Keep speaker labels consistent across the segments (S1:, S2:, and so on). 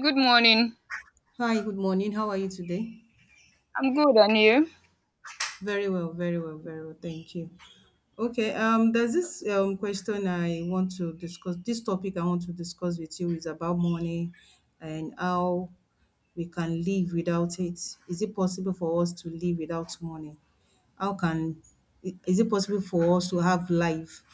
S1: Good morning.
S2: Hi, good morning. How are you today?
S1: I'm good, and you?
S2: Very well, very well, very well. Thank you. Okay, there's this question I want to discuss. This topic I want to discuss with you is about money and how we can live without it. Is it possible for us to live without money? How can is it possible for us to have life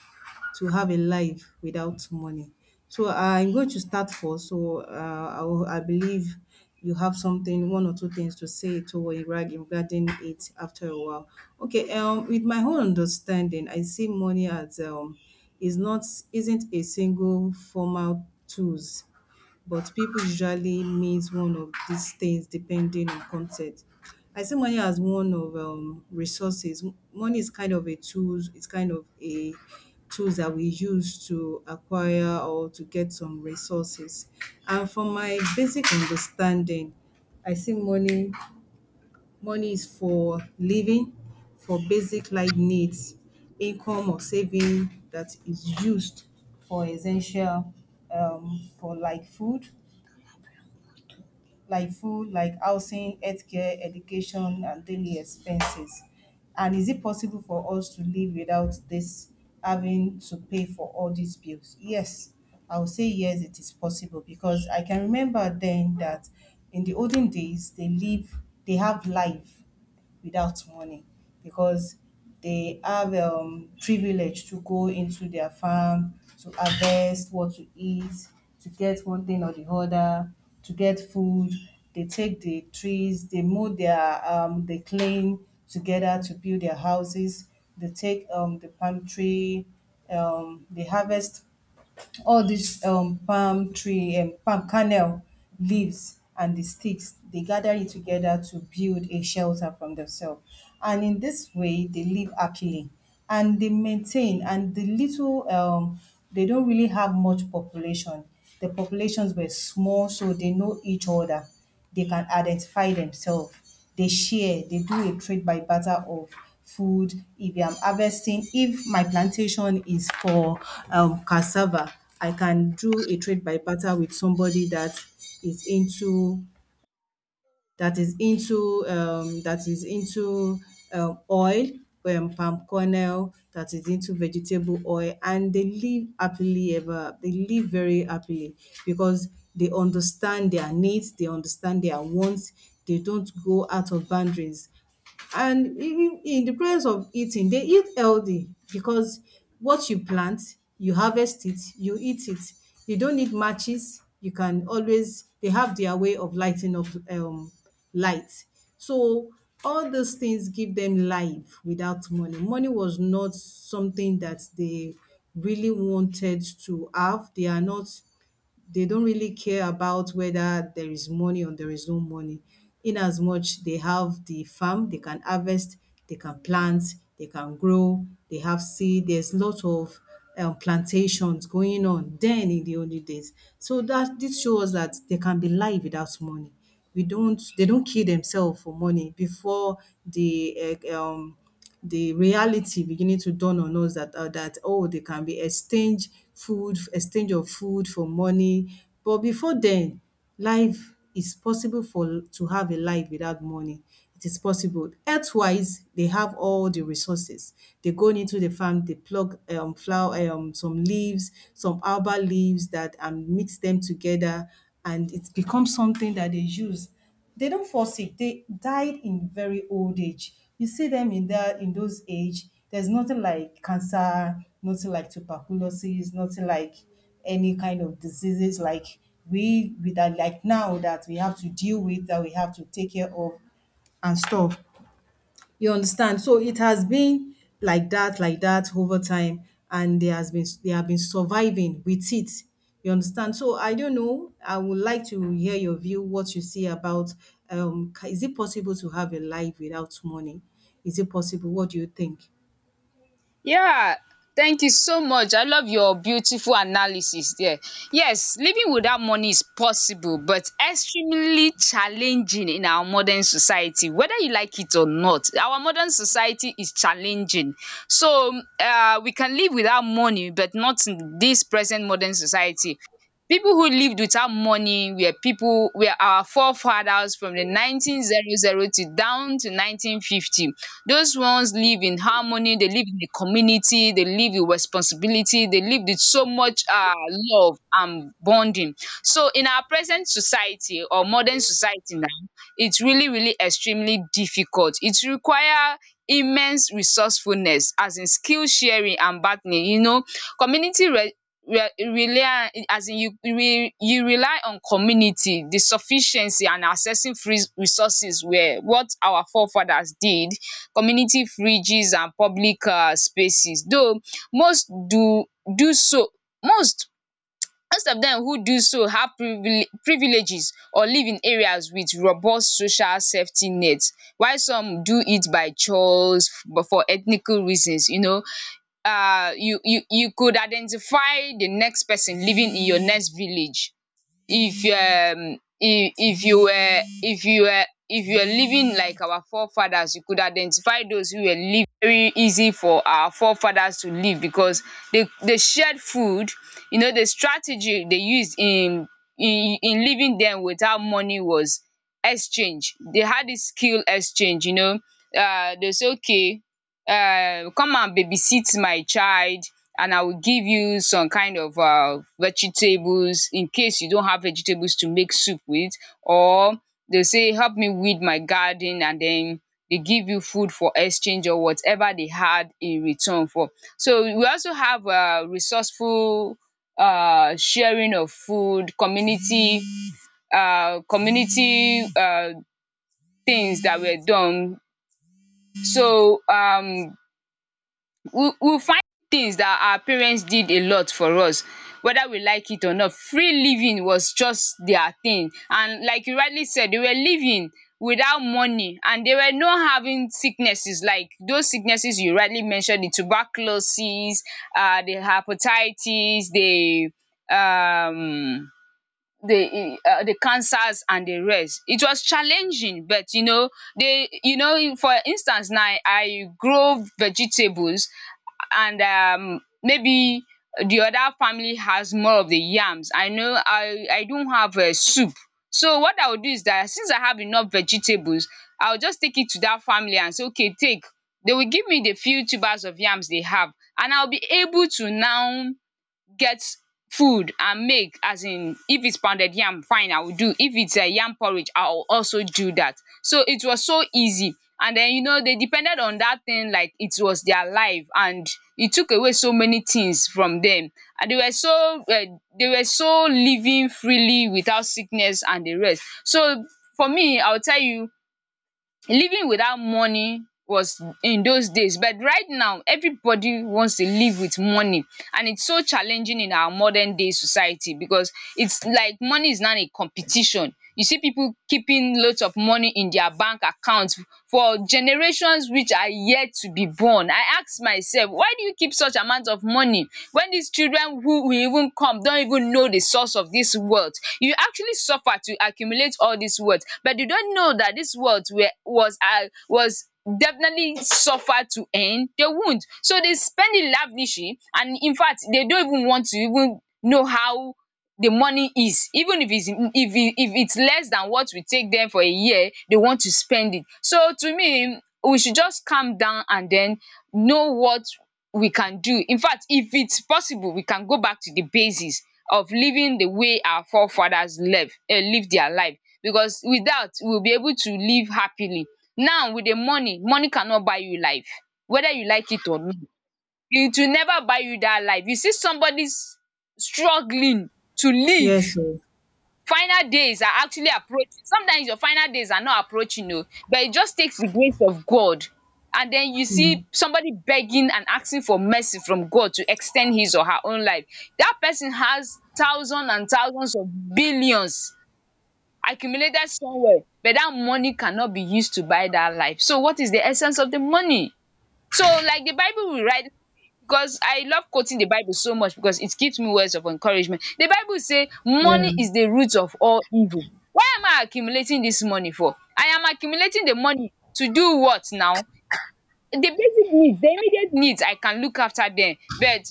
S2: to have a life without money? So I'm going to start first. So I believe you have something, one or two things to say to regarding it after a while. Okay, with my own understanding, I see money as is not isn't a single formal tools, but people usually means one of these things depending on context. I see money as one of resources. Money is kind of a tool. It's kind of a tools that we use to acquire or to get some resources. And from my basic understanding, I see money. Money is for living, for basic life needs, income or saving that is used for essential, for like food, like food, like housing, healthcare, education, and daily expenses. And is it possible for us to live without this having to pay for all these bills? Yes, I would say yes, it is possible because I can remember then that in the olden days they live, they have life without money because they have privilege to go into their farm to harvest what to eat, to get one thing or the other, to get food. They take the trees, they mow their they clean together to build their houses. They take the palm tree, they harvest all these palm tree palm kernel leaves, and the sticks they gather it together to build a shelter from themselves, and in this way they live happily and they maintain. And the little they don't really have much population. The populations were small, so they know each other, they can identify themselves. They share, they do a trade by barter of food. If I'm harvesting, if my plantation is for cassava, I can do a trade by barter with somebody that is into is into that is into oil, palm kernel, that is into vegetable oil, and they live happily ever. They live very happily because they understand their needs, they understand their wants. They don't go out of boundaries. And even in the process of eating, they eat healthy because what you plant, you harvest it, you eat it. You don't need matches. You can always, they have their way of lighting up light. So all those things give them life without money. Money was not something that they really wanted to have. They are not they don't really care about whether there is money or there is no money. In as much they have the farm, they can harvest, they can plant, they can grow, they have seed. There's lot of plantations going on then in the early days. So that this shows that there can be life without money. We don't they don't kill themselves for money before the eh, um the reality beginning to dawn on us that oh they can be exchange food exchange of food for money, but before then life is possible for to have a life without money. It is possible earthwise, they have all the resources. They go into the farm, they pluck flower some leaves, some herbal leaves that and mix them together, and it becomes something that they use. They don't fall sick, they died in very old age. You see them in that in those age, there's nothing like cancer, nothing like tuberculosis, nothing like any kind of diseases like we with that, like now that we have to deal with, that we have to take care of and stuff. You understand? So it has been like that over time, and there has been they have been surviving with it. You understand? So I don't know. I would like to hear your view, what you see about is it possible to have a life without money? Is it possible? What do you think?
S1: Yeah, thank you so much. I love your beautiful analysis there. Yes, living without money is possible, but extremely challenging in our modern society. Whether you like it or not, our modern society is challenging. So, we can live without money, but not in this present modern society. People who lived without money were our forefathers from the 1900 to down to 1950. Those ones live in harmony, they live in a community, they live with responsibility, they live with so much love and bonding. So, in our present society or modern society now, it's really, really extremely difficult. It require immense resourcefulness, as in skill sharing and bargaining. Community re re rely, as in you rely on community. The sufficiency and accessing free resources were what our forefathers did. Community fridges and public spaces, though most do so. Most most of dem who do so have privileges or live in areas wit robust social safety nets, while some do it by choice, but for ethnical reasons. You could identify di next pesin living in your next village. If um if if you were living like our forefathers, you could identify those who were living. Very easy for our forefathers to live because they shared food. You know, the strategy they used in living then without money was exchange. They had this skill exchange. They say, okay, come and babysit my child, and I will give you some kind of vegetables in case you don't have vegetables to make soup with. Or they say, help me weed my garden, and then they give you food for exchange or whatever they had in return for. So we also have resourceful sharing of food, community things that were done. So, we find things that our parents did a lot for us. Whether we like it or not, free living was just their thing, and like you rightly said, they were living without money, and they were not having sicknesses like those sicknesses you rightly mentioned: the tuberculosis, the hepatitis, um the the cancers, and the rest. It was challenging, but you know, they you know, for instance, now I grow vegetables, and maybe the other family has more of the yams. I know I don't have a soup, so what I will do is that, since I have enough vegetables, I will just take it to that family and say, okay, take. They will give me the few tubers of yams they have, and I'll be able to now get food and make, as in, if it's pounded yam fine I will do, if it's a yam porridge I will also do that. So it was so easy, and then, you know, they depended on that thing like it was their life, and it took away so many things from them, and they were so living freely without sickness and the rest. So for me, I will tell you, living without money was in those days, but right now everybody wants to live with money, and it's so challenging in our modern day society, because it's like money is now a competition. You see people keeping loads of money in their bank account for generations which are yet to be born. I ask myself, why do you keep such amount of money, when these children who will even come don't even know the source of this wealth? You actually suffer to accumulate all this wealth, but you don't know that this wealth were was definitely suffered to end. They won't, so they spend it lavishly, and, in fact, they don't even want to even know how the money is. Even if it's less than what we take them for a year, they want to spend it. So to me, we should just calm down and then know what we can do. In fact, if it's possible, we can go back to the basis of living the way our forefathers live live their life, because with that we will be able to live happily. Now with the money, money cannot buy you life, whether you like it or not. It will never buy you that life. You see somebody struggling to
S2: Yes,
S1: live,
S2: so
S1: final days are actually approaching. Sometimes your final days are not approaching oh, but it just takes the grace of God. And then you see somebody begging and asking for mercy from God to extend his or her own life. That person has thousands and thousands of billions accumulated somewhere, but that money cannot be used to buy that life. So, what is the essence of the money? So like the bible we rightly say, because I love quoting the bible so much because it gives me words of encouragement. The bible say
S2: yeah,
S1: money is the root of all evil. Why am I accumulating this money for? I am accumulating the money to do what now? The basic needs, the immediate needs, I can look after them, but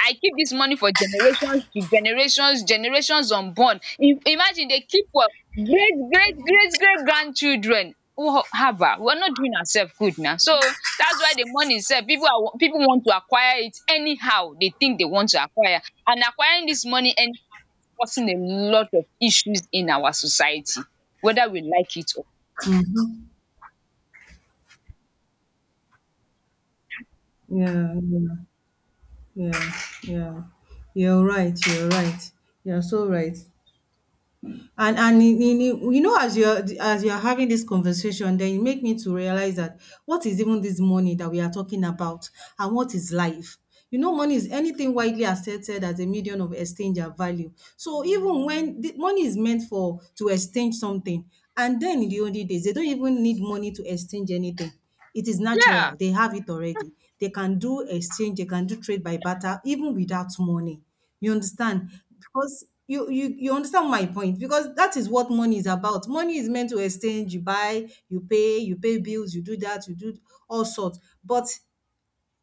S1: I keep this money for generations to generations, generations unborn. Im Imagine they keep for great, great, great, great grandchildren. Wo haba! We are not doing ourselves good now? So that's why the money itself, people, are pipu want to acquire it anyhow they think they want to acquire, and acquiring this money anyhow is causing a lot of issues in our society, whether we like it or
S2: yeah, yeah, yeah, yeah. You're right, you're right. You're so right. And in you know, as you're having this conversation, then you make me to realize that what is even this money that we are talking about, and what is life? You know, money is anything widely accepted as a medium of exchange and value. So even when the money is meant for to exchange something, and then in the only days, they don't even need money to exchange anything. It is
S1: yeah.
S2: natural. They have it already. They can do exchange, they can do trade by barter, even without money. You understand? Because you understand my point, because that is what money is about. Money is meant to exchange, you buy, you pay bills, you do that, you do all sorts. But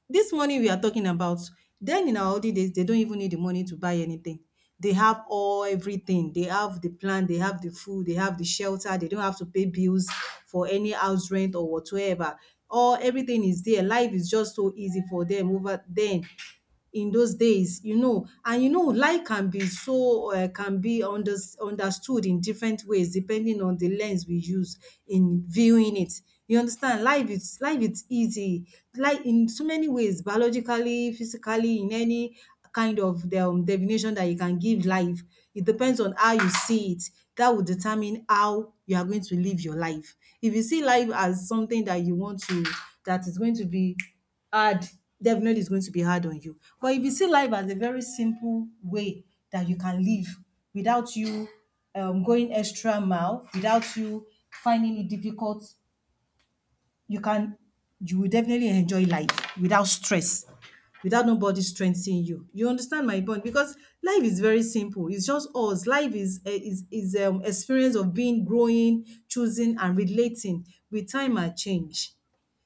S2: this money we are talking about, then in our old days, they don't even need the money to buy anything. They have all everything. They have the plan, they have the food, they have the shelter, they don't have to pay bills for any house rent or whatsoever. All everything is there. Life is just so easy for them over then in those days, you know. And you know, lie can be so can be understood in different ways depending on the lens we use in viewing it. You understand, life is easy like in so many ways, biologically, physically, in any kind of the, definition that you can give life, it depends on how you see it. That will determine how you are going to live your life. If you see life as something that you want to that is going to be hard, definitely is going to be hard on you. But if you see life as a very simple way that you can live without you going extra mile, without you finding it difficult, you can you will definitely enjoy life without stress, without nobody stressing you. You understand my point? Because life is very simple. It's just us. Life is experience of being, growing, choosing, and relating with time and change,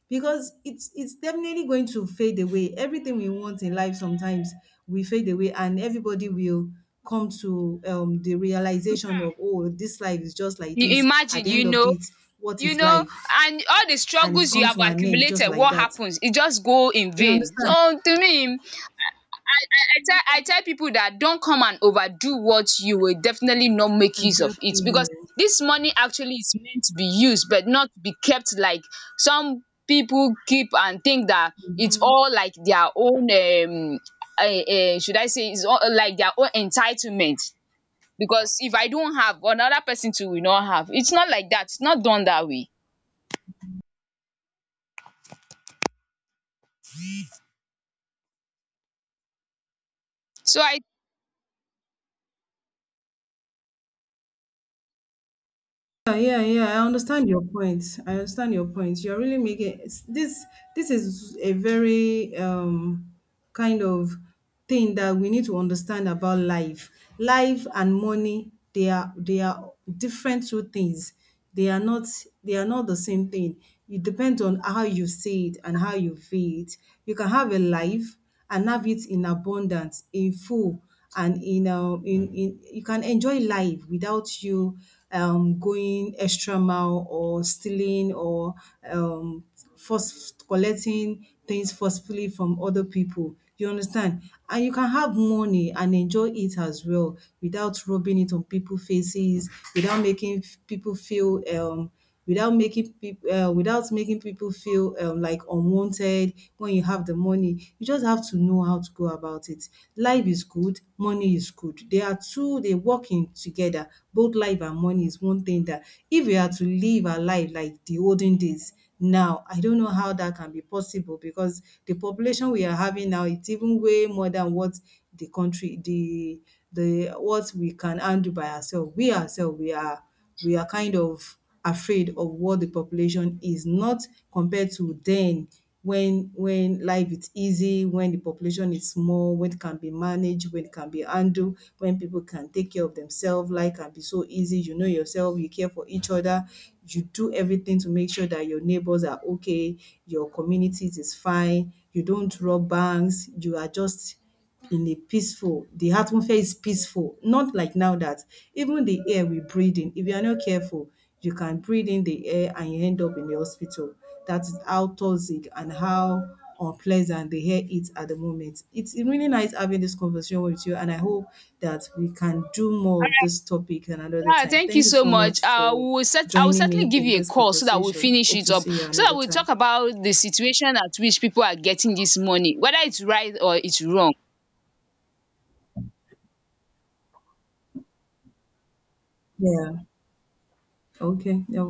S2: because it's definitely going to fade away. Everything we want in life sometimes we fade away, and everybody will come to the realization of oh, this life is just like
S1: You
S2: this. At
S1: imagine
S2: the
S1: you
S2: end of
S1: know
S2: it, what
S1: you
S2: is
S1: know
S2: life?
S1: and all the
S2: And it's
S1: struggles you
S2: come
S1: have
S2: to an end just
S1: accumulated,
S2: like
S1: what
S2: that.
S1: happens? It just go in
S2: You
S1: vain.
S2: understand?
S1: So to me, I tell people that, don't come and overdo what you will definitely not make use of, it
S2: Exactly.
S1: because this money actually is meant to be used, but not to be kept like some people keep and think that it's all like their own, um should I say, it's all like their own entitlement, because if I don't have, another person too will not have. It's not like that. It's not done that way. So I.
S2: Yeah, yeah, yeah. I understand your point. I understand your point. You're really making this. This is a very kind of thing that we need to understand about life. Life and money, they are different two things. They are not they are not the same thing. It depends on how you see it and how you feel it. You can have a life and have it in abundance, in full, and in you can enjoy life without you going extra mile or stealing or um force collecting things forcefully from other people. You understand? And you can have money and enjoy it as well without rubbing it on people's faces, without making people feel without making people without making people feel like unwanted. When you have the money, you just have to know how to go about it. Life is good, money is good, they are two, they working together. Both life and money is one thing that if we are to live our life like the olden days, now I don't know how that can be possible because the population we are having now, it's even way more than what the country, the what we can handle by ourselves. We ourselves, we are kind of afraid of what the population is, not compared to then when life is easy, when the population is small, when it can be managed, when it can be handled, when people can take care of themselves, life can be so easy. You know yourself, you care for each other, you do everything to make sure that your neighbors are okay, your communities is fine, you don't rob banks, you are just in a peaceful the atmosphere is peaceful, not like now that even the air we breathe in, if you are not careful, you can breathe in the air and you end up in the hospital. That is how toxic and how unpleasant the air is at the moment. It's really nice having this conversation with you, and I hope that we can do more of this topic and another
S1: Yeah,
S2: time.
S1: thank you
S2: Thank you
S1: so
S2: so
S1: much.
S2: much
S1: We
S2: for
S1: will set, I will
S2: joining
S1: certainly
S2: me
S1: give
S2: in
S1: you a
S2: this
S1: call, so that we
S2: conversation.
S1: finish
S2: Hope
S1: it
S2: to
S1: up,
S2: see you
S1: so that
S2: another
S1: we
S2: time.
S1: talk about the situation at which people are getting this money, whether it's right or it's wrong.
S2: Yeah. Okay. All